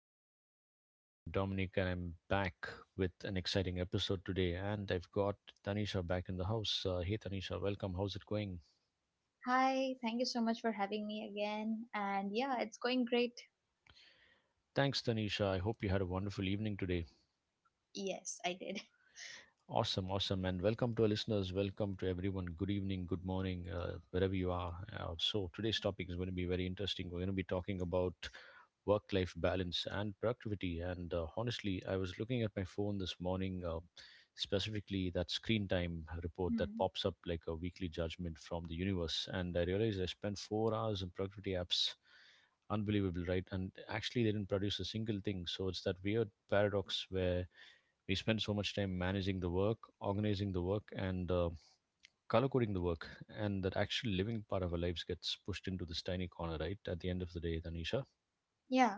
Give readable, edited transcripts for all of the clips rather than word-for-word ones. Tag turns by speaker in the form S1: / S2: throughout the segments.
S1: Midnight Show. I'm Dominic and I'm back with an exciting episode today. And I've got Tanisha back in the house. Hey Tanisha, welcome. How's it going?
S2: Hi, thank you so much for having me again. And yeah, it's going great.
S1: Thanks, Tanisha. I hope you had a wonderful evening today.
S2: Yes, I did.
S1: Awesome, awesome, and welcome to our listeners. Welcome to everyone. Good evening, good morning, wherever you are. So today's topic is going to be very interesting. We're going to be talking about work-life balance and productivity. And Honestly, I was looking at my phone this morning, specifically that screen time report that
S2: Hmm.
S1: pops up like a weekly judgment from the universe, and I realized I spent 4 hours in productivity apps. Unbelievable, right? And actually, they didn't produce a single thing. So it's that weird paradox where we spend so much time managing the work, organizing the work, and color coding the work, and that actual living part of our lives gets pushed into this tiny corner, right? At the end of the day, Tanisha.
S2: Yeah,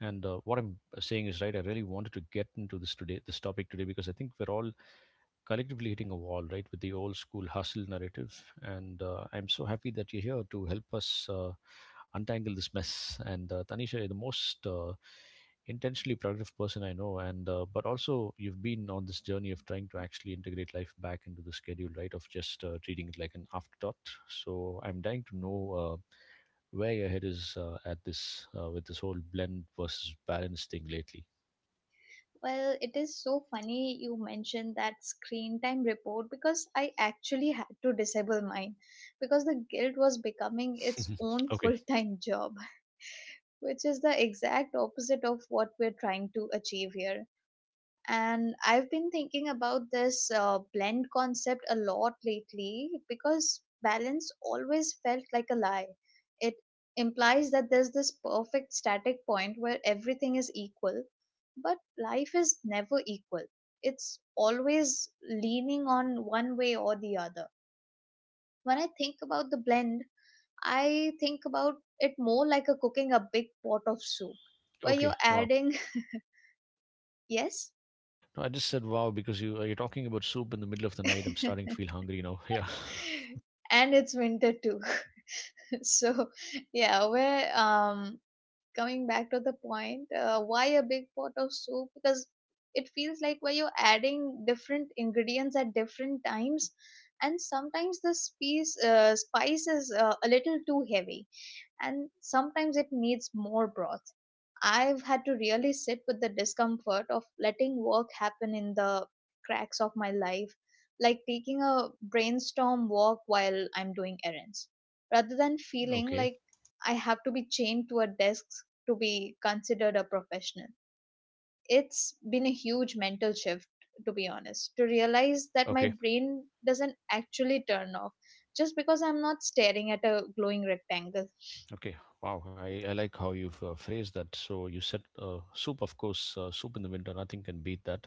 S1: And what I'm saying is right. I really wanted to get into this today, this topic today, because I think we're all collectively hitting a wall, right, with the old school hustle narrative. And I'm so happy that you're here to help us untangle this mess. And Tanisha, you're the most intentionally productive person I know, and but also you've been on this journey of trying to actually integrate life back into the schedule, right, of just treating it like an afterthought. So I'm dying to know. Way ahead is at this with this whole blend versus balance thing lately.
S2: well, it is so funny you mentioned that screen time report because I actually had to disable mine because the guild was becoming its own
S1: Okay,
S2: full time job, which is the exact opposite of what we're trying to achieve here. And I've been thinking about this blend concept a lot lately because balance always felt like a lie. It implies that there's this perfect static point where everything is equal, but life is never equal. It's always leaning on one way or the other. When I think about the blend, I think about it more like a cooking a big pot of soup where
S1: okay,
S2: you're
S1: wow.
S2: adding. Yes.
S1: No, I just said wow because you're talking about soup in the middle of the night. I'm starting to feel hungry now. Yeah.
S2: And it's winter too. So yeah, we're coming back to the point. Why a big pot of soup? Because it feels like where you're adding different ingredients at different times, and sometimes the spice is a little too heavy, and sometimes it needs more broth. I've had to really sit with the discomfort of letting work happen in the cracks of my life, like taking a brainstorm walk while I'm doing errands, rather than feeling
S1: Okay,
S2: like I have to be chained to a desk to be considered a professional. It's been a huge mental shift, to be honest, to realize that my
S1: okay,
S2: brain doesn't actually turn off just because I'm not staring at a glowing rectangle.
S1: okay. Wow, I like how you've phrased that. So you said soup, of course, soup in the winter, nothing can beat that.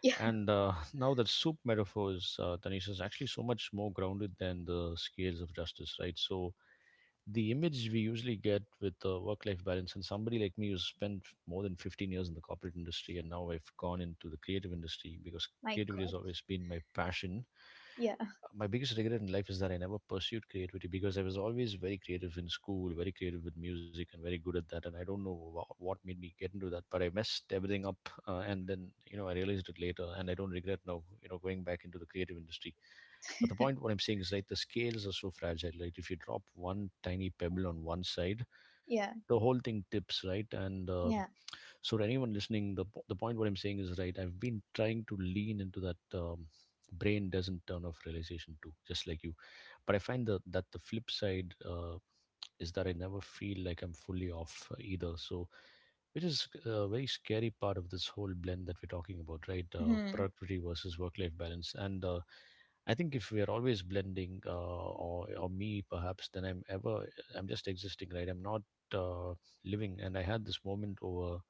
S2: Yeah,
S1: And now that soup metaphor is, Tanisha, is actually so much more grounded than the scales of justice, right? So the image we usually get with work life balance and somebody like me who's spent more than 15 years in the corporate industry and now I've gone into the creative industry because
S2: my
S1: creativity has
S2: god.
S1: always been my passion.
S2: Yeah,
S1: My biggest regret in life is that I never pursued creativity because I was always very creative in school, very creative with music, and very good at that. And I don't know what made me get into that, but I messed everything up, and then you know I realized it later, and I don't regret now. You know, going back into the creative industry. But the point what I'm saying is right, the scales are so fragile. Right, if you drop one tiny pebble on one side,
S2: yeah,
S1: the whole thing tips.
S2: yeah.
S1: To anyone listening, the point what I'm saying is right. I've been trying to lean into that brain doesn't turn off realization too, just like you. But I find the that the flip side is that I never feel like I'm fully off either. So, which is a very scary part of this whole blend that we're talking about, right?
S2: Hmm.
S1: Productivity versus work-life balance, and I think if we are always blending, or me perhaps, then I'm just existing, right? I'm not uh, living. And I had this moment over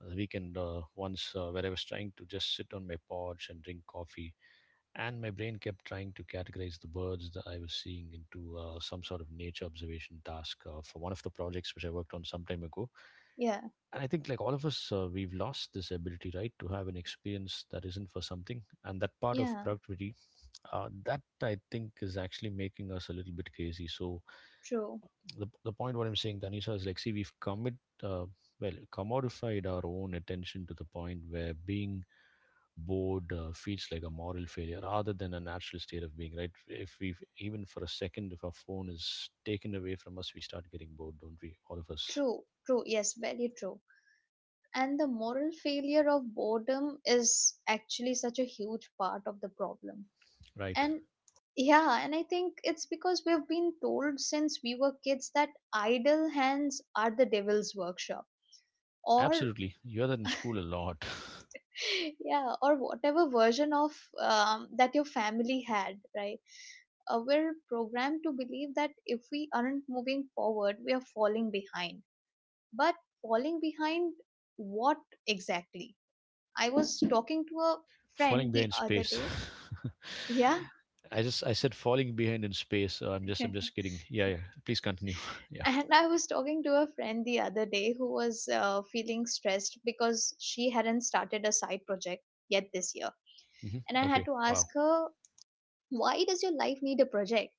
S1: the weekend once where I was trying to just sit on my porch and drink coffee, and my brain kept trying to categorize the birds that I was seeing into some sort of nature observation task for one of the projects which I worked on some time ago.
S2: Yeah,
S1: And I think, like all of us, we've lost this ability, right, to have an experience that isn't for something. And that part of
S2: yeah,
S1: productivity, that I think is actually making us a little bit crazy. So,
S2: true,
S1: the point what I'm saying, Tanisha, is like, see, we've uh, commodified our own attention to the point where being bored feels like a moral failure rather than a natural state of being, right? If we've, even for a second, if our phone is taken away from us, we start getting bored, don't we? All of us,
S2: true, true. Yes, very true. And the moral failure of boredom is actually such a huge part of the problem.
S1: right?
S2: And yeah, and I think it's because we've been told since we were kids that idle hands are the devil's workshop. Or,
S1: Absolutely. You're that in school a lot.
S2: yeah, or whatever version of that your family had, right? We're programmed to believe that if we aren't moving forward, we are falling behind, but falling behind what exactly? I was talking to a friend
S1: Falling
S2: the
S1: behind
S2: other
S1: space.
S2: day. Yeah.
S1: I just, I said falling behind in space. I'm just kidding. Yeah, yeah. Please continue. yeah.
S2: And I was talking to a friend the other day who was feeling stressed because she hadn't started a side project yet this year.
S1: Hmm.
S2: And I had
S1: Okay.
S2: to ask
S1: Wow.
S2: her, why does your life need a project?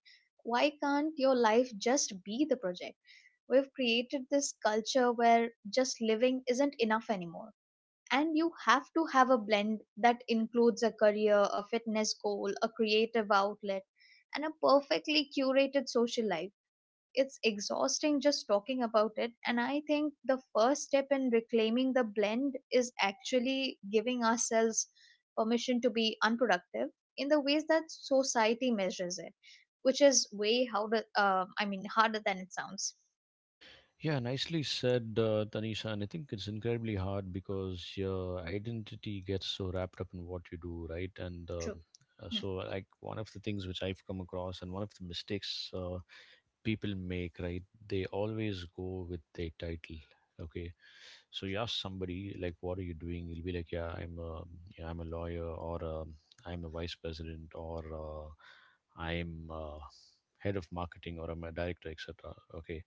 S2: Why can't your life just be the project? We've created this culture where just living isn't enough anymore, and you have to have a blend that includes a career, a fitness goal, a creative outlet, and a perfectly curated social life. It's exhausting just talking about it, and I think the first step in reclaiming the blend is actually giving ourselves permission to be unproductive in the ways that society measures it, which is way harder. I mean, harder than it sounds.
S1: Yeah, nicely said, Tanisha. And I think it's incredibly hard because your identity gets so wrapped up in what you do, right?
S2: True. Hmm.
S1: Like, one of the things which I've come across and one of the mistakes people make, right? They always go with their title. Okay, so you ask somebody like, "What are you doing?" He'll be like, " Yeah, I'm a lawyer, or I'm a vice president, or I'm head of marketing, or I'm a director, etc." Okay,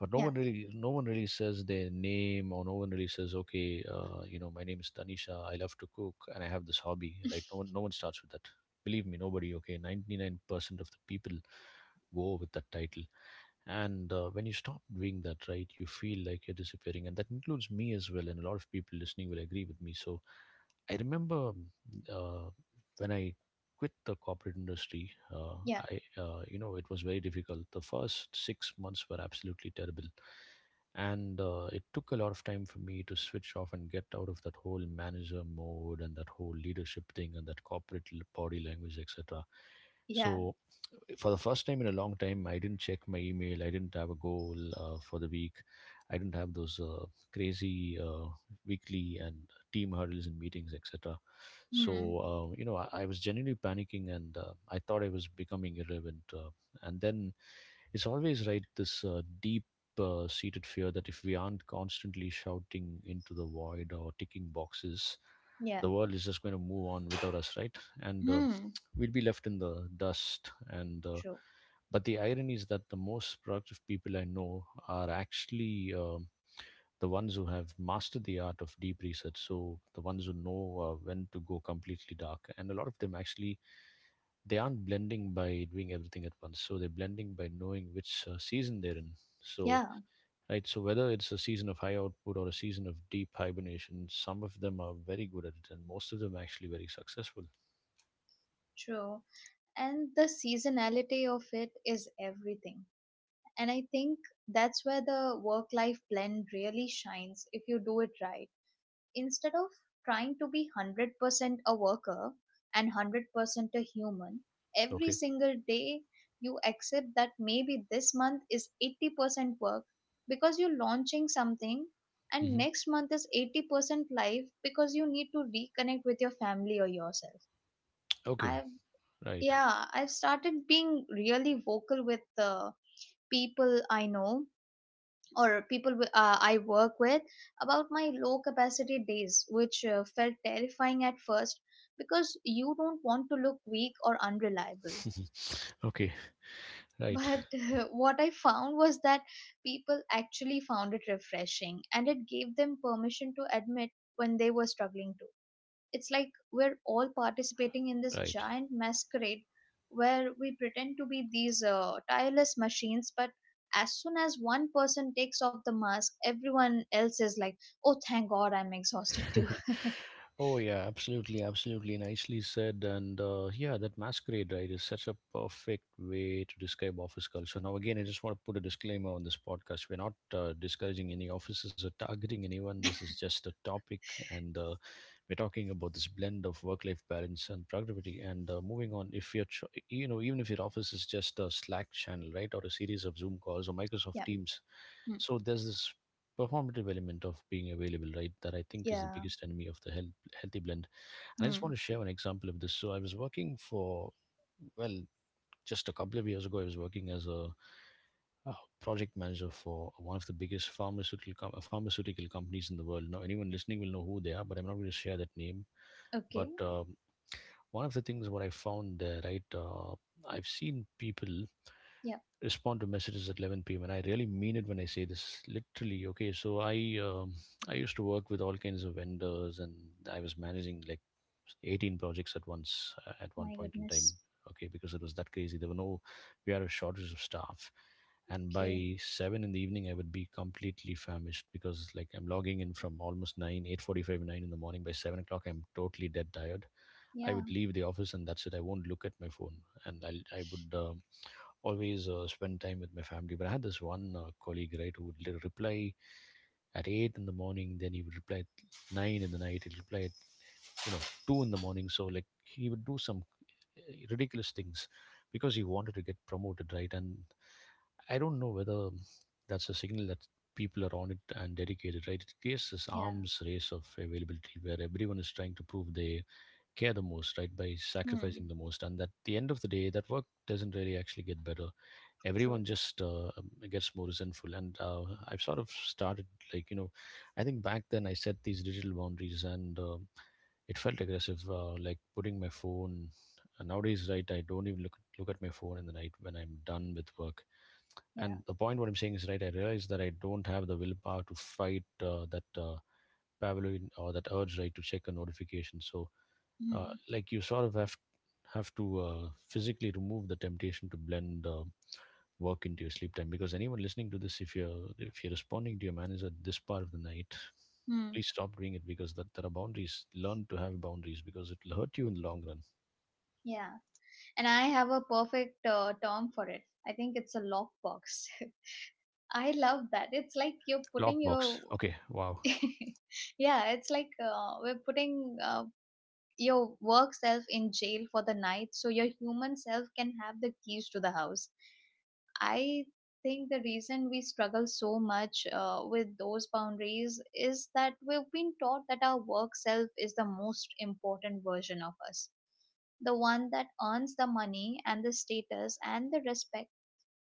S1: but
S2: Yeah.
S1: no one really says their name, or no one really says, "Okay, you know, my name is Tanisha. I love to cook, and I have this hobby." Right? No one starts with that. Believe me, nobody. Okay, 99% of the people go with that title and when you stop doing that right you feel like you're disappearing and that includes me as well and a lot of people listening will agree with me. So I remember uh, when I quit the corporate industry,
S2: Yeah.
S1: I you know it was very difficult. The first 6 months were absolutely terrible, and it took a lot of time for me to switch off and get out of that whole manager mode and that whole leadership thing and that corporate body language, etc.
S2: Yeah.
S1: So, for the first time in a long time, I didn't check my email. I didn't have a goal for the week. I didn't have those crazy weekly and team hurdles and meetings, etc. So,
S2: Hmm.
S1: uh, you know, I was genuinely panicking and I thought I was becoming irrelevant. And then it's always right this deep seated fear that if we aren't constantly shouting into the void or ticking boxes,
S2: Yeah.
S1: the world is just going to move on without us, right? And
S2: Hmm.
S1: We'll be left in the dust. And
S2: True.
S1: But the irony is that the most productive people I know are actually the ones who have mastered the art of deep research. So the ones who know when to go completely dark, and a lot of them actually, they aren't blending by doing everything at once, so they're blending by knowing which season they're in. So
S2: Yeah.
S1: right, so whether it's a season of high output or a season of deep hibernation, some of them are very good at it and most of them are actually very successful.
S2: True. And the seasonality of it is everything. And I think that's where the work life blend really shines if you do it right. Instead of trying to be 100% a worker and 100% a human, every
S1: Okay.
S2: single day, you accept that maybe this month is 80% work because you're launching something, and
S1: Hmm.
S2: next month is 80% life because you need to reconnect with your family or yourself.
S1: Okay.
S2: I
S1: Right.
S2: yeah I've started being really vocal with the people I know or people I work with about my low capacity days, which felt terrifying at first because you don't want to look weak or unreliable.
S1: Okay. Right,
S2: But what I found was that people actually found it refreshing, and it gave them permission to admit when they were struggling. It's like we're all participating in this
S1: right.
S2: giant masquerade where we pretend to be these tireless machines, but as soon as one person takes off the mask, everyone else is like, oh thank god, I'm exhausted too.
S1: Oh yeah, absolutely, absolutely, nicely said. And Yeah, that masquerade, right, is such a perfect way to describe office culture. So, now, again, I just want to put a disclaimer on this podcast. We're not discouraging any offices or targeting anyone. This is just a topic, and we're talking about this blend of work-life balance and productivity. And Moving on, if you're, tr- you know, even if your office is just a Slack channel, right, or a series of Zoom calls or Microsoft
S2: Yeah.
S1: Teams,
S2: Hmm.
S1: so there's this performative element of being available, right, that I think is the
S2: Yeah.
S1: biggest enemy of the health healthy blend. And I just
S2: Hmm.
S1: want to share an example of this. So I was working for, well, just a couple of years ago, I was working as a, uh project manager for one of the biggest pharmaceutical companies in the world. Now, anyone listening will know who they are, but I'm not going to share that name. But
S2: Okay.
S1: um, one of the things what I found there, right? I've seen people
S2: Yeah.
S1: respond to messages at 11 p.m. and I really mean it when I say this literally. Okay, so I used to work with all kinds of vendors and I was managing like 18 projects at once at one
S2: My
S1: point in time.
S2: goodness.
S1: Okay, because it was that crazy. There were no we had a shortage of staff, and
S2: Okay.
S1: by 7 in the evening I would be completely famished because like I'm logging in from almost 9, 8:45, 9 in the morning. By 7 o'clock I'm totally dead tired. I
S2: Yeah.
S1: would leave the office and that's it. I won't look at my phone, and I would always spend time with my family. But I had this one colleague, right, who would reply at 8 in the morning, then he would reply at 9 in the night, he'd reply at you know 2 in the morning. So like he would do some uh, ridiculous things because he wanted to get promoted, right? And I don't know whether that's a signal that people are on it and dedicated, right? It creates this
S2: Yeah.
S1: arms race of availability where everyone is trying to prove they care the most, right, by sacrificing
S2: Hmm.
S1: the most. And at the end of the day, that work doesn't really actually get better.
S2: True.
S1: Everyone just gets more resentful and I've sort of started, like, I think back then I set these digital boundaries, and it felt aggressive, like putting my phone. And nowadays, right, I don't even look at my phone in the night when I'm done with work.
S2: Yeah.
S1: And the point what I'm saying is, right, I realize that I don't have the willpower to fight that Pavlovian or that urge, right, to check a notification. So uh,
S2: Hmm.
S1: like you sort of have to physically remove the temptation to blend work into your sleep time. Because anyone listening to this, if you're responding to your manager this part of the night,
S2: Hmm.
S1: please stop doing it, because that there are boundaries. Learn to have boundaries, because it'll hurt you in the long run.
S2: Yeah, and I have a perfect term for it. I think it's a lockbox. I love that. It's like you're putting
S1: Lockbox.
S2: your
S1: Okay. Wow.
S2: yeah, it's like we're putting your work self in jail for the night so your human self can have the keys to the house. I think the reason we struggle so much with those boundaries is that we've been taught that our work self is the most important version of us, the one that earns the money and the status and the respect.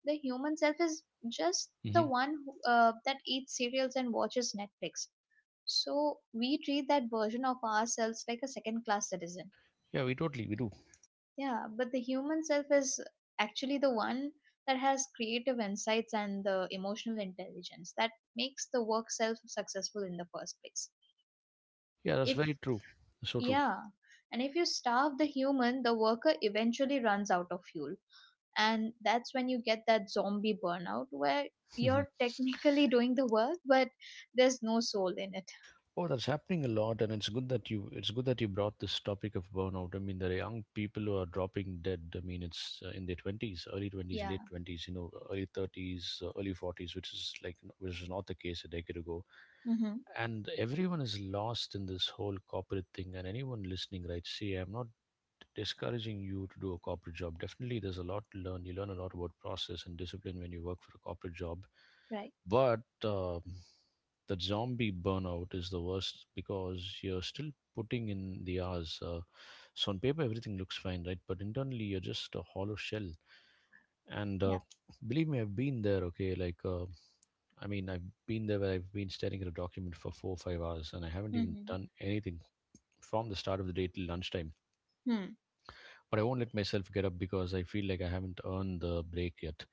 S2: The human self is just the
S1: Hmm.
S2: one who, that eats cereals and watches Netflix. So we treat that version of ourselves like a second class citizen.
S1: Yeah, we totally, we do.
S2: Yeah, but the human self is actually the one that has creative insights and the emotional intelligence that makes the work self successful in the first place.
S1: Yeah, that's
S2: If,
S1: very true. So true.
S2: Yeah, and if you starve the human, the worker eventually runs out of fuel. And that's when you get that zombie burnout where you're technically doing the work, but there's no soul in it.
S1: Oh, that's happening a lot, and it's good that you brought this topic of burnout. I mean, there are young people who are dropping dead. I mean, it's in their twenties, early twenties,
S2: Yeah.
S1: late twenties, early thirties, early forties, which is like which was not the case a decade ago.
S2: Mm-hmm.
S1: And everyone is lost in this whole corporate thing, and anyone listening, right, see, I'm not discouraging you to do a corporate job. Definitely there's a lot to learn, you learn a lot about process and discipline when you work for a corporate job.
S2: Right.
S1: But the zombie burnout is the worst, because you're still putting in the hours, so on paper everything looks fine, right, but internally you're just a hollow shell. And
S2: Yeah.
S1: believe me, I've been there. Okay, like, I mean, I've been there where I've been staring at a document for 4 or 5 hours and I haven't even
S2: Mm-hmm.
S1: done anything from the start of the day till lunchtime.
S2: Hmm.
S1: But I won't let myself get up because I feel like I haven't earned the break yet.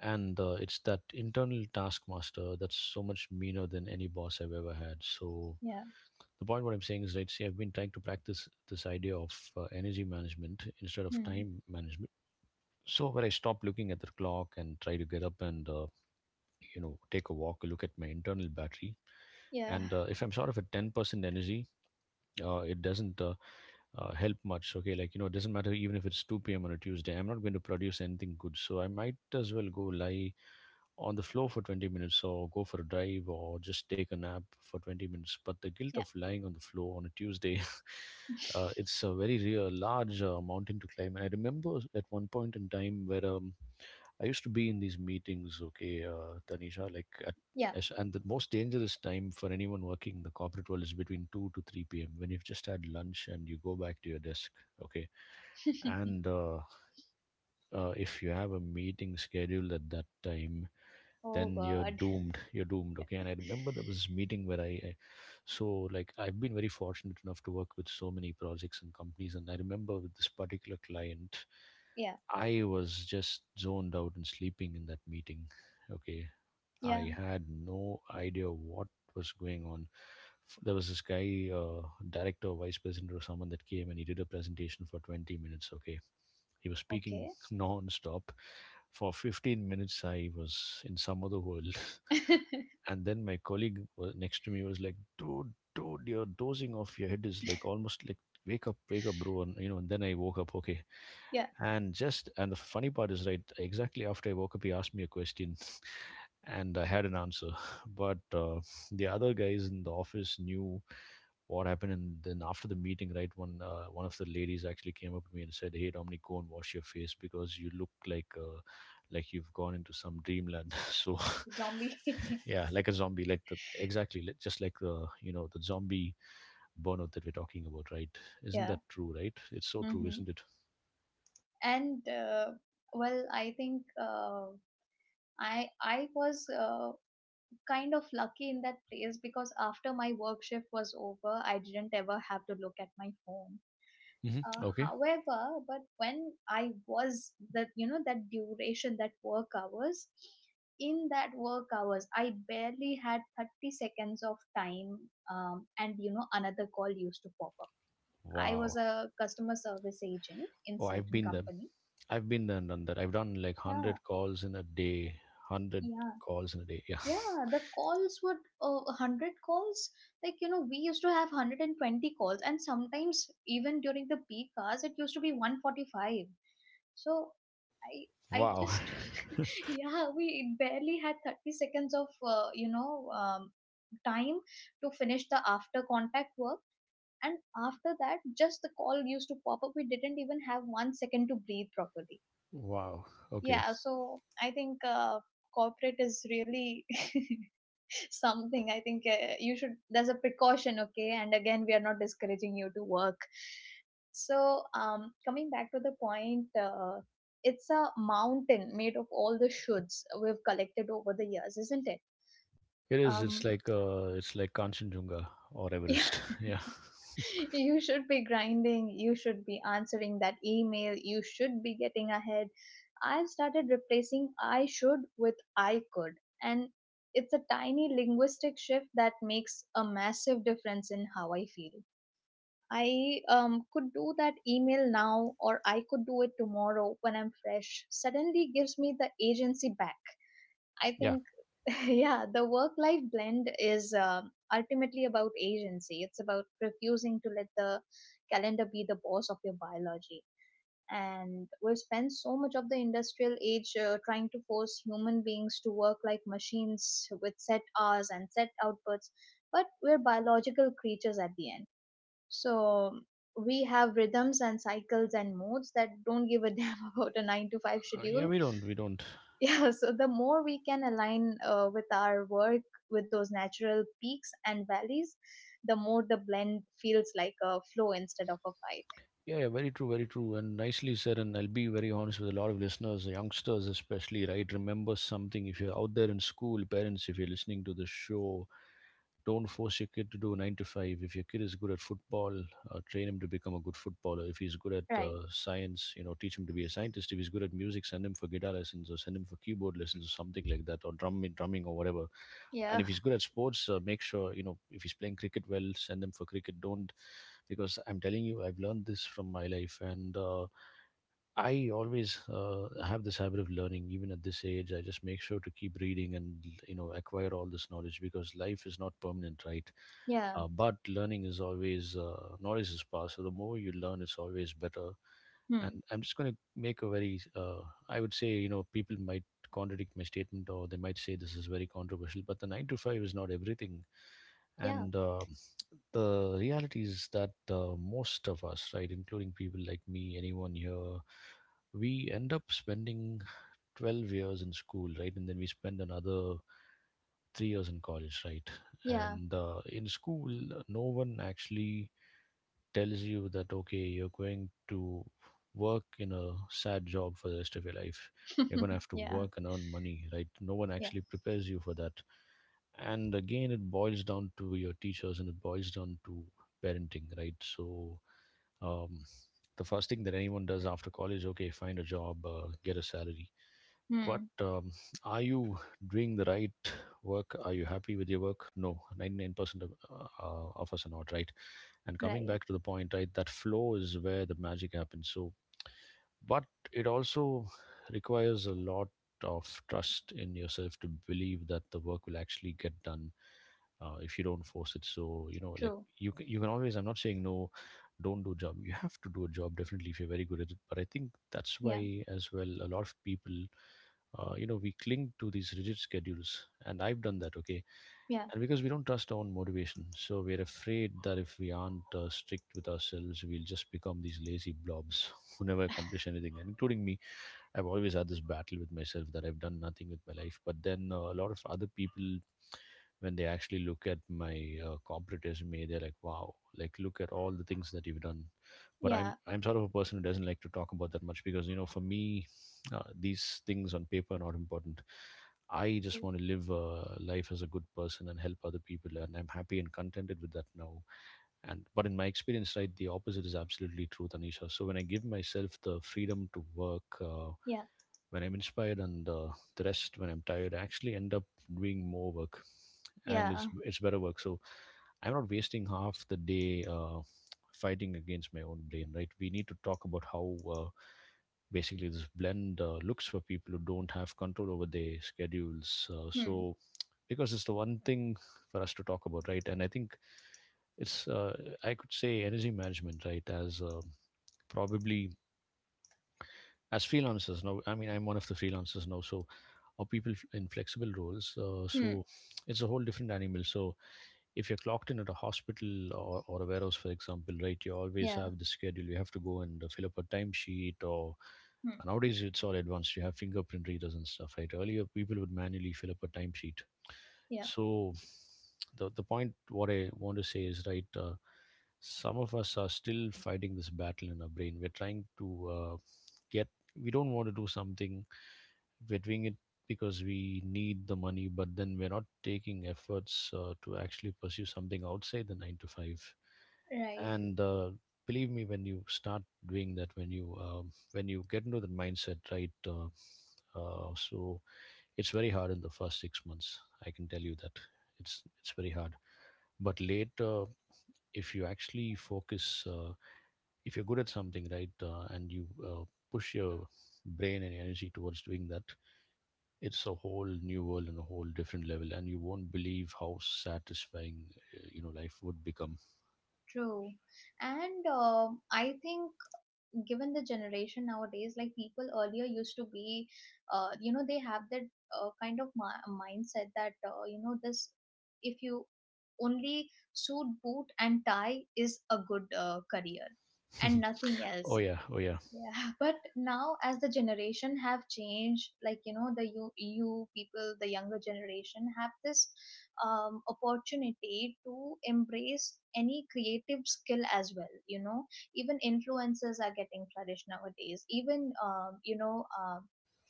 S1: And it's that internal taskmaster that's so much meaner than any boss I've ever had. So
S2: Yeah.
S1: the point what I'm saying is, right, see, I've been trying to practice this idea of energy management instead of
S2: Hmm.
S1: time management. So, where I stop looking at the clock and try to get up and, you know, take a walk, look at my internal battery.
S2: Yeah.
S1: And if I'm sort of at 10% energy, it doesn't help much. Okay, like, it doesn't matter. Even if it's 2 p.m on a Tuesday, I'm not going to produce anything good, so I might as well go lie on the floor for 20 minutes, or go for a drive, or just take a nap for 20 minutes. But the guilt
S2: Yeah.
S1: of lying on the floor on a Tuesday, it's a very real, large mountain to climb. And I remember, at one point in time, where I used to be in these meetings, okay, Tanisha, like at
S2: Yeah.
S1: and the most dangerous time for anyone working in the corporate world is between 2 to 3 p.m. when you've just had lunch and you go back to your desk, okay? And if you have a meeting scheduled at that time,
S2: Oh
S1: then you're
S2: god.
S1: doomed, you're doomed. Okay. And I remember there was this meeting where I so like I've been very fortunate enough to work with so many projects and companies, and I remember with this particular client
S2: Yeah.
S1: I was just zoned out and sleeping in that meeting. Okay.
S2: Yeah.
S1: I had no idea what was going on. There was this guy, director, vice president, or someone, that came and he did a presentation for 20 minutes. Okay. He was speaking
S2: Okay.
S1: non stop. For 15 minutes, I was in some other world. And then my colleague next to me was like, "Dude, dude, you're dozing off. Your head is like almost like, wake up, bro." And, you know, and then I woke up. Okay.
S2: Yeah.
S1: And just, and the funny part is, right, exactly after I woke up, he asked me a question and I had an answer. But the other guys in the office knew what happened, and then after the meeting, right, one of the ladies actually came up to me and said, "Hey, Dominic, go and wash your face, because you look like you've gone into some dreamland." So,
S2: Zombie.
S1: yeah, like a zombie, like the exactly just like the you know the zombie burnout that we're talking about, right? Isn't
S2: Yeah.
S1: that true? Right? It's so true,
S2: Mm-hmm.
S1: isn't it?
S2: And well I think I was kind of lucky in that place because after my work shift was over, I didn't ever have to look at my phone.
S1: Hmm. Okay.
S2: However, but when I was that, you know, that duration, that work hours, in that work hours, I barely had 30 seconds of time, and you know, another call used to pop up. I was
S1: Wow.
S2: a customer service agent in
S1: Oh, I've
S2: certain
S1: been there.
S2: company.
S1: I've been there and done that. I've done like
S2: Yeah,
S1: 100 calls in a day. 100
S2: yeah.
S1: calls in a day. Yeah.
S2: Yeah, the calls would 100 calls. Like, you know, we used to have 120 calls, and sometimes even during the peak hours, it used to be 145. So, I I
S1: Wow.
S2: just, yeah, we barely had 30 seconds of, you know, time to finish the after contact work. And after that, just the call used to pop up. We didn't even have 1 second to breathe properly.
S1: Wow. Okay.
S2: Yeah, so I think corporate is really something. I think you should, there's a precaution, okay? And again, we are not discouraging you to work. So, coming back to the point, it's a mountain made of all the shoulds we've collected over the years, isn't it?
S1: It is.
S2: Um,
S1: It's like Kanchenjunga or
S2: yeah.
S1: Everest. Yeah.
S2: You should be grinding, you should be answering that email, you should be getting ahead. I've started replacing I should with I could, and it's a tiny linguistic shift that makes a massive difference in how I feel. I could do that email now, or I could do it tomorrow when I'm fresh. Suddenly gives me the agency back. I
S1: Yeah.
S2: think, yeah, the work life blend is ultimately about agency. It's about refusing to let the calendar be the boss of your biology. And we've spent so much of the industrial age trying to force human beings to work like machines with set hours and set outputs, but we're biological creatures at the end. So we have rhythms and cycles and modes that don't give a damn about a 9 to 5
S1: Yeah.
S2: schedule.
S1: We don't. We don't.
S2: Yeah, so the more we can align with our work with those natural peaks and valleys, the more the blend feels like a flow instead of a fight.
S1: Yeah, yeah, very true, and nicely said. And I'll be very honest with a lot of listeners, youngsters especially, right? Remember something: if you're out there in school, parents, if you're listening to the show, don't force your kid to do 9 to 5. If your kid is good at football, train him to become a good footballer. If he's good at
S2: Right.
S1: science, you know, teach him to be a scientist. If he's good at music, send him for guitar lessons, or send him for keyboard lessons, or something like that, or drumming, or whatever. And
S2: Yeah.
S1: if he's good at sports, make sure, you know, if he's playing cricket well, send him for cricket. Don't, because I'm telling you, I've learned this from my life and. I always have this habit of learning, even at this age. I just make sure to keep reading and, you know, acquire all this knowledge, because life is not permanent, right?
S2: Yeah.
S1: But learning is always, knowledge is power. So the more you learn, it's always better. And
S2: Hmm.
S1: I'm just going to make a very, I would say, you know, people might contradict my statement, or they might say this is very controversial, but the 9 to 5 is not everything.
S2: Yeah.
S1: And the reality is that most of us, right, including people like me, anyone here, we end up spending 12 years in school, right, and then we spend another 3 years in college, right?
S2: Yeah.
S1: And in school, no one actually tells you that, okay, you're going to work in a sad job for the rest of your life. You're going to have to
S2: Yeah.
S1: work and earn money, right? No one
S2: Yeah.
S1: actually prepares you for that. And again, it boils down to your teachers, and it boils down to parenting, right? So, um, the first thing that anyone does after college, okay, find a job, get a salary. but
S2: Hmm.
S1: um, are you doing the right work? Are you happy with your work? No. 99% of us are not, right? And coming
S2: Right.
S1: back to the point, right, that flow is where the magic happens. So, but it also requires a lot of trust in yourself to believe that the work will actually get done, if you don't force it. So, you know, like,
S2: True.
S1: you can always, I'm not saying, no, don't do a job. You have to do a job, definitely, if you're very good at it. But I think that's
S2: Yeah.
S1: why, as well, a lot of people, you know, we cling to these rigid schedules, and I've done that. Okay.
S2: Yeah.
S1: And because we don't trust our own motivation, so we're afraid that if we aren't strict with ourselves, we'll just become these lazy blobs who never accomplish anything, and including me. I've always had this battle with myself that I've done nothing with my life. But then a lot of other people, when they actually look at my corporate resume, they're like, "Wow, like look at all the things that you've done." But I'm
S2: Yeah.
S1: I'm sort of a person who doesn't like to talk about that much because you know, for me, these things on paper are not important. I just
S2: True.
S1: want to live a life as a good person and help other people, and I'm happy and contented with that now. And but in my experience, right, the opposite is absolutely true, Tanisha. So when I give myself the freedom to work.
S2: Yeah.
S1: When I'm inspired and the rest when I'm tired, I actually end up doing more work, and it's
S2: Yeah.
S1: it's better work. So I'm not wasting half the day fighting against my own brain. Right? We need to talk about how basically this blend looks for people who don't have control over their schedules. Uh,
S2: Hmm.
S1: so because it's the one thing for us to talk about, right? And I think it's I could say energy management, right? As probably as freelancers now. I mean, I'm one of the freelancers now, so or in flexible roles. Uh,
S2: Hmm.
S1: so it's a whole different animal. So if you're clocked in at a hospital or a warehouse, for example, right, you always
S2: Yeah.
S1: have the schedule. You have to go and fill up a timesheet or
S2: Hmm.
S1: and nowadays it's all advanced. You have fingerprint readers and stuff, right? Earlier people would manually fill up a timesheet.
S2: Yeah.
S1: So the point what I want to say is right. Some of us are still fighting this battle in our brain. We're trying to get. We don't want to do something we're doing it because we need the money, but then we're not taking efforts to actually pursue something outside the nine to five.
S2: Right.
S1: And believe me, when you start doing that, when you get into that mindset, right? So it's very hard in the first 6 months. I can tell you that it's very hard. But later, if you actually focus, if you're good at something, right, and you push your brain and energy towards doing that, it's a whole new world and a whole different level, and you won't believe how satisfying life would become.
S2: True. And um, I think given the generation nowadays, like people earlier used to be you know, they have that kind of mindset that you know, this if you only suit boot and tie is a good career and nothing
S1: Oh
S2: else.
S1: yeah, oh yeah.
S2: Yeah, but now as the generation have changed, like you know, the you people, the younger generation have this opportunity to embrace any creative skill as well. You know, even influencers are getting flourished nowadays. Even you know,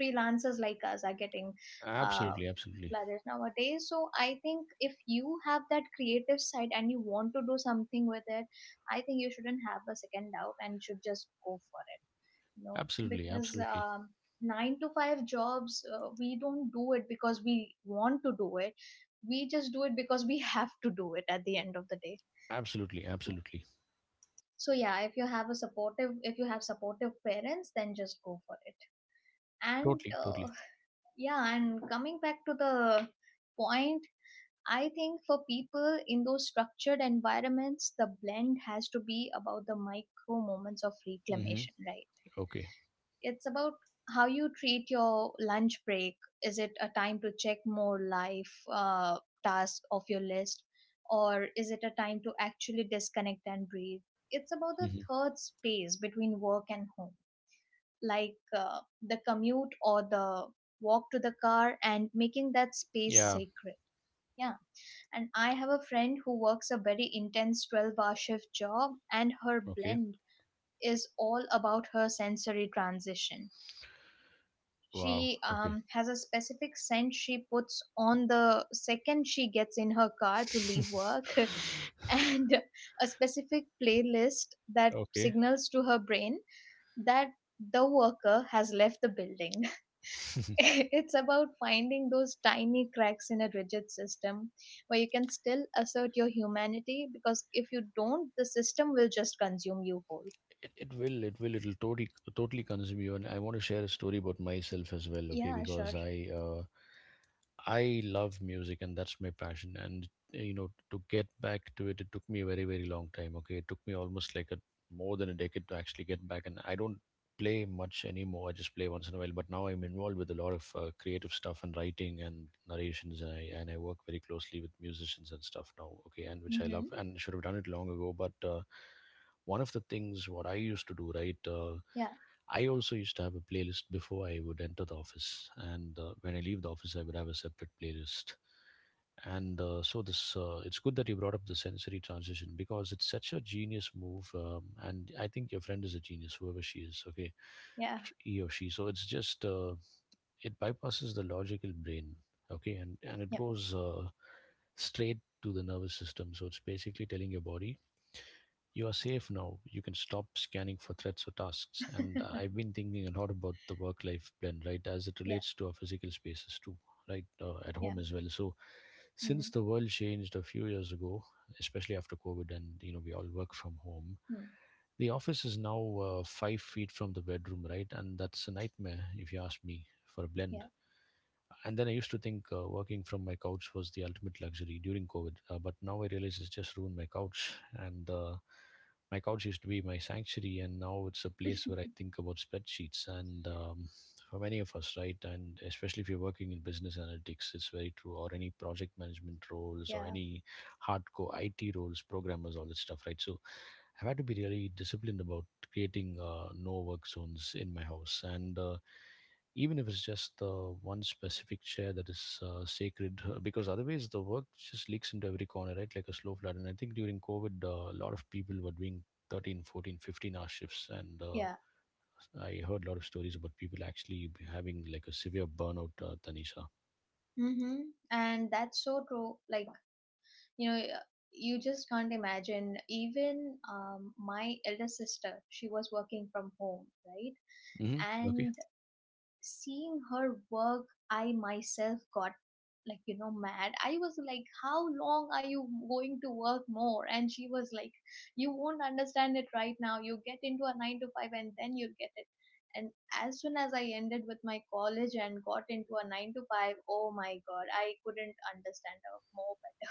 S2: freelancers like us are getting uh,
S1: Absolutely, absolutely.
S2: flourished nowadays. So I think if you have that creative side and you want to do something with it, I think you shouldn't have a second doubt and should just go for it, you know,
S1: Absolutely,
S2: because
S1: absolutely.
S2: nine to five jobs we don't do it because we want to do it, we just do it because we have to do it at the end of the day.
S1: Absolutely, absolutely.
S2: So yeah, if you have a supportive if you have supportive parents, then just go for it. And
S1: Totally, totally.
S2: yeah, and coming back to the point, I think for people in those structured environments, the blend has to be about the micro moments of
S1: Mm-hmm.
S2: reclamation, right?
S1: Okay.
S2: It's about how you treat your lunch break. Is it a time to check more life tasks off your list, or is it a time to actually disconnect and breathe? It's about the
S1: Mm-hmm.
S2: third space between work and home, like the commute or the walk to the car, and making that space
S1: Yeah.
S2: sacred. Yeah, and I have a friend who works a very intense 12-hour hour shift job, and her
S1: Okay.
S2: blend is all about her sensory transition.
S1: Wow.
S2: She
S1: Okay.
S2: has a specific scent she puts on the second she gets in her car to leave work, and a specific playlist that
S1: Okay.
S2: signals to her brain that the worker has left the building. It's about finding those tiny cracks in a rigid system where you can still assert your humanity because if you don't, the system will just consume you whole.
S1: It will, it will, it'll totally, totally consume you. And I want to share a story about myself as well, okay?
S2: Yeah, sure.
S1: Because I love music and that's my passion. And to get back to it, it took me a very, very long time. Okay, it took me almost like a more than a decade to actually get back. And I don't play much anymore. I just play once in a while. But now I'm involved with a lot of creative stuff and writing and narrations, and I work very closely with musicians and stuff now. Okay, and which I
S2: Mm-hmm.
S1: love and should have done it long ago, but. One of the things what I used to do, right?
S2: Yeah,
S1: I also used to have a playlist before I would enter the office, and when I leave the office, I would have a separate playlist. And it's good that you brought up the sensory transition because it's such a genius move, and I think your friend is a genius, whoever she is. Okay,
S2: yeah,
S1: he or she. So it's just it bypasses the logical brain, okay, and it
S2: yeah,
S1: goes straight to the nervous system. So it's basically telling your body, you are safe now. You can stop scanning for threats or tasks. And I've been thinking a lot about the work-life blend, right, as it
S2: yeah,
S1: relates to our physical spaces too, right, at
S2: yeah.
S1: home as well. So since
S2: Mm-hmm.
S1: the world changed a few years ago, especially after COVID, and you know we all work from home.
S2: Hmm.
S1: The office is now 5 feet from the bedroom, right? And that's a nightmare, if you ask me, for a blend
S2: Yeah.
S1: and then I used to think working from my couch was the ultimate luxury during COVID, but now I realize it's just ruined my couch. And my couch used to be my sanctuary, and now it's a place where I think about spreadsheets. And For many of us, right, and especially if you're working in business analytics, it's very true, or any project management roles, or
S2: Yeah.
S1: any hardcore IT roles, programmers, all that stuff, right? So I've had to be really disciplined about creating no work zones in my house, and even if it's just the one specific chair that is sacred because otherwise the work just leaks into every corner, right, like a slow flood. And I think during COVID a lot of people were doing 13, 14, 15 hour shifts and
S2: Yeah.
S1: I heard a lot of stories about people actually having like a severe burnout, Tanisha.
S2: Mhm. And that's so true. Like, you know, you just can't imagine. Even my elder sister, she was working from home, right?
S1: Hmm. Okay.
S2: And seeing her work, I myself got, like, you know, mad. I was like, how long are you going to work more? And she was like, you won't understand it right now. You get into a nine to five and then you'll get it. And as soon as I ended with my college and got into a nine to five, oh my god, I couldn't understand her more. But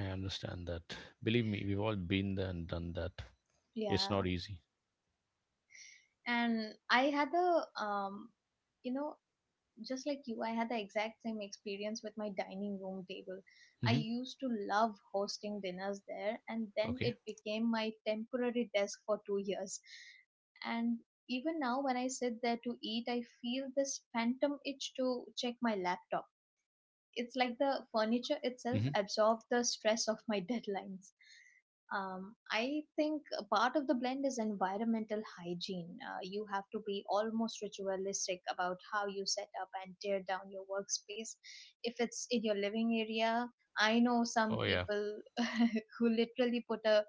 S1: I understand that. Believe me, we've all been there and done that. It's
S2: yeah,
S1: not easy.
S2: and I had a you know, just like you, I had the exact same experience with my dining room table. I
S1: Hmm.
S2: used to love hosting dinners there, and then
S1: Okay.
S2: it became my temporary desk for 2 years. And even now, when I sit there to eat, I feel this phantom itch to check my laptop. It's like the furniture itself
S1: Hmm.
S2: absorbed the stress of my deadlines. I think a part of the blend is environmental hygiene. You have to be almost ritualistic about how you set up and tear down your workspace. If it's in your living area, I know some
S1: Oh yeah.
S2: people who literally put a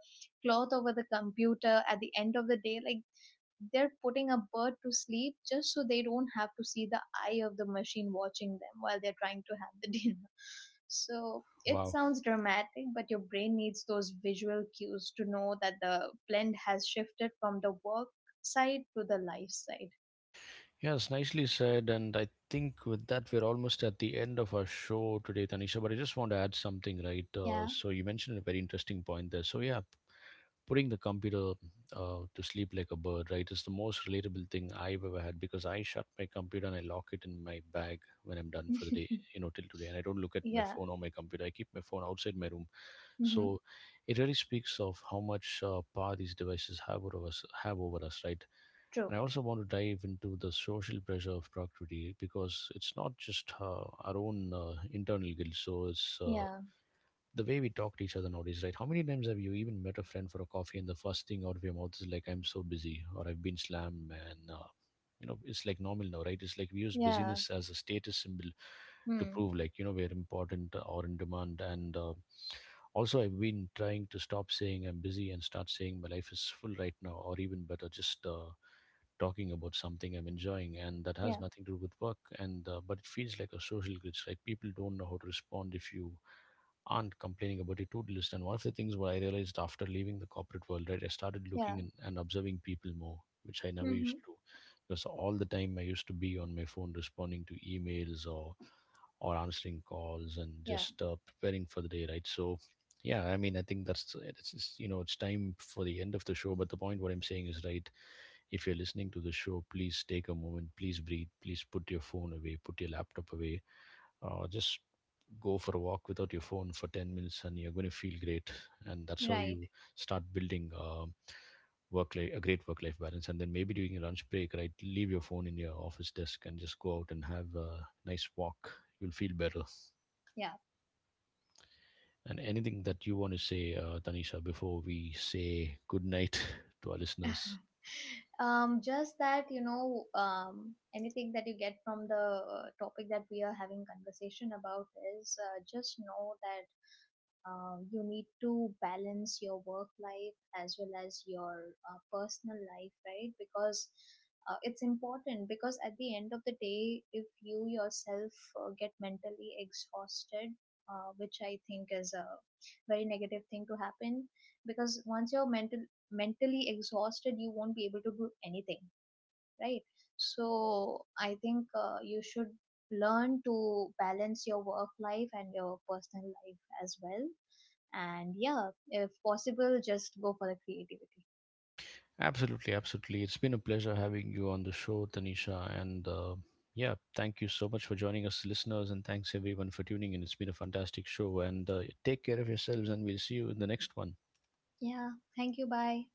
S2: cloth over the computer at the end of the day. Like, they're putting a bird to sleep just so they don't have to see the eye of the machine watching them while they're trying to have the dinner. So it
S1: Wow.
S2: sounds dramatic, but your brain needs those visual cues to know that the blend has shifted from the work side to the life side.
S1: Yes, nicely said. And I think with that, we're almost at the end of our show today, Tanisha. But I just want to add something, right? Uh,
S2: Yeah.
S1: so you mentioned a very interesting point there. So yeah, putting the computer to sleep like a bird, right, is the most relatable thing I've ever had because I shut my computer and I lock it in my bag when I'm done for the day, you know, till today. And I don't look at my
S2: Yeah.
S1: phone or my computer. I keep my phone outside my room
S2: Mm-hmm.
S1: so it really speaks of how much power these devices have over us, right?
S2: True.
S1: And I also want to dive into the social pressure of productivity because it's not just our own internal guilt. So it's
S2: Yeah.
S1: the way we talk to each other nowadays, right? How many times have you even met a friend for a coffee and the first thing out of your mouth is like, I'm so busy or I've been slammed, man? You know, it's like normal now, right? It's like we use
S2: Yeah.
S1: busyness as a status symbol to
S2: Hmm.
S1: prove, like, you know, we're important or in demand. And also, I've been trying to stop saying I'm busy and start saying my life is full right now, or even better, just talking about something I'm enjoying, and that has
S2: Yeah.
S1: nothing to do with work. And but it feels like a social glitch, right? People don't know how to respond if you aren't complaining about it too. Do and one of the things what I realized after leaving the corporate world, right, I started looking
S2: Yeah.
S1: and observing people more, which I never used
S2: Mm-hmm.
S1: to do. Because all the time I used to be on my phone responding to emails or answering calls and
S2: Yeah.
S1: just preparing for the day, right? So, yeah, I mean, I think that's it's you know it's time for the end of the show. But the point what I'm saying is right. If you're listening to the show, please take a moment, please breathe, please put your phone away, put your laptop away, just go for a walk without your phone for 10 minutes and you're going to feel great and that's how
S2: Right.
S1: you start building work life, a great work life balance, and then maybe during your lunch break right leave your phone in your office desk and just go out and have a nice walk. You'll feel better.
S2: Yeah.
S1: And anything that you want to say, Tanisha, before we say good night to our listeners.
S2: Just that, you know, anything that you get from the topic that we are having conversation about is, just know that you need to balance your work life as well as your personal life, right? Because it's important because at the end of the day if you yourself get mentally exhausted, which I think is a very negative thing to happen, because once you're mentally exhausted you won't be able to do anything, right? So I think you should learn to balance your work life and your personal life as well. And yeah, if possible, just go for the creativity.
S1: Absolutely, absolutely. It's been a pleasure having you on the show, Tanisha. And yeah, thank you so much for joining us, listeners, and thanks everyone for tuning in. It's been a fantastic show. And take care of yourselves, and we'll see you in the next one.
S2: Yeah, thank you. Bye.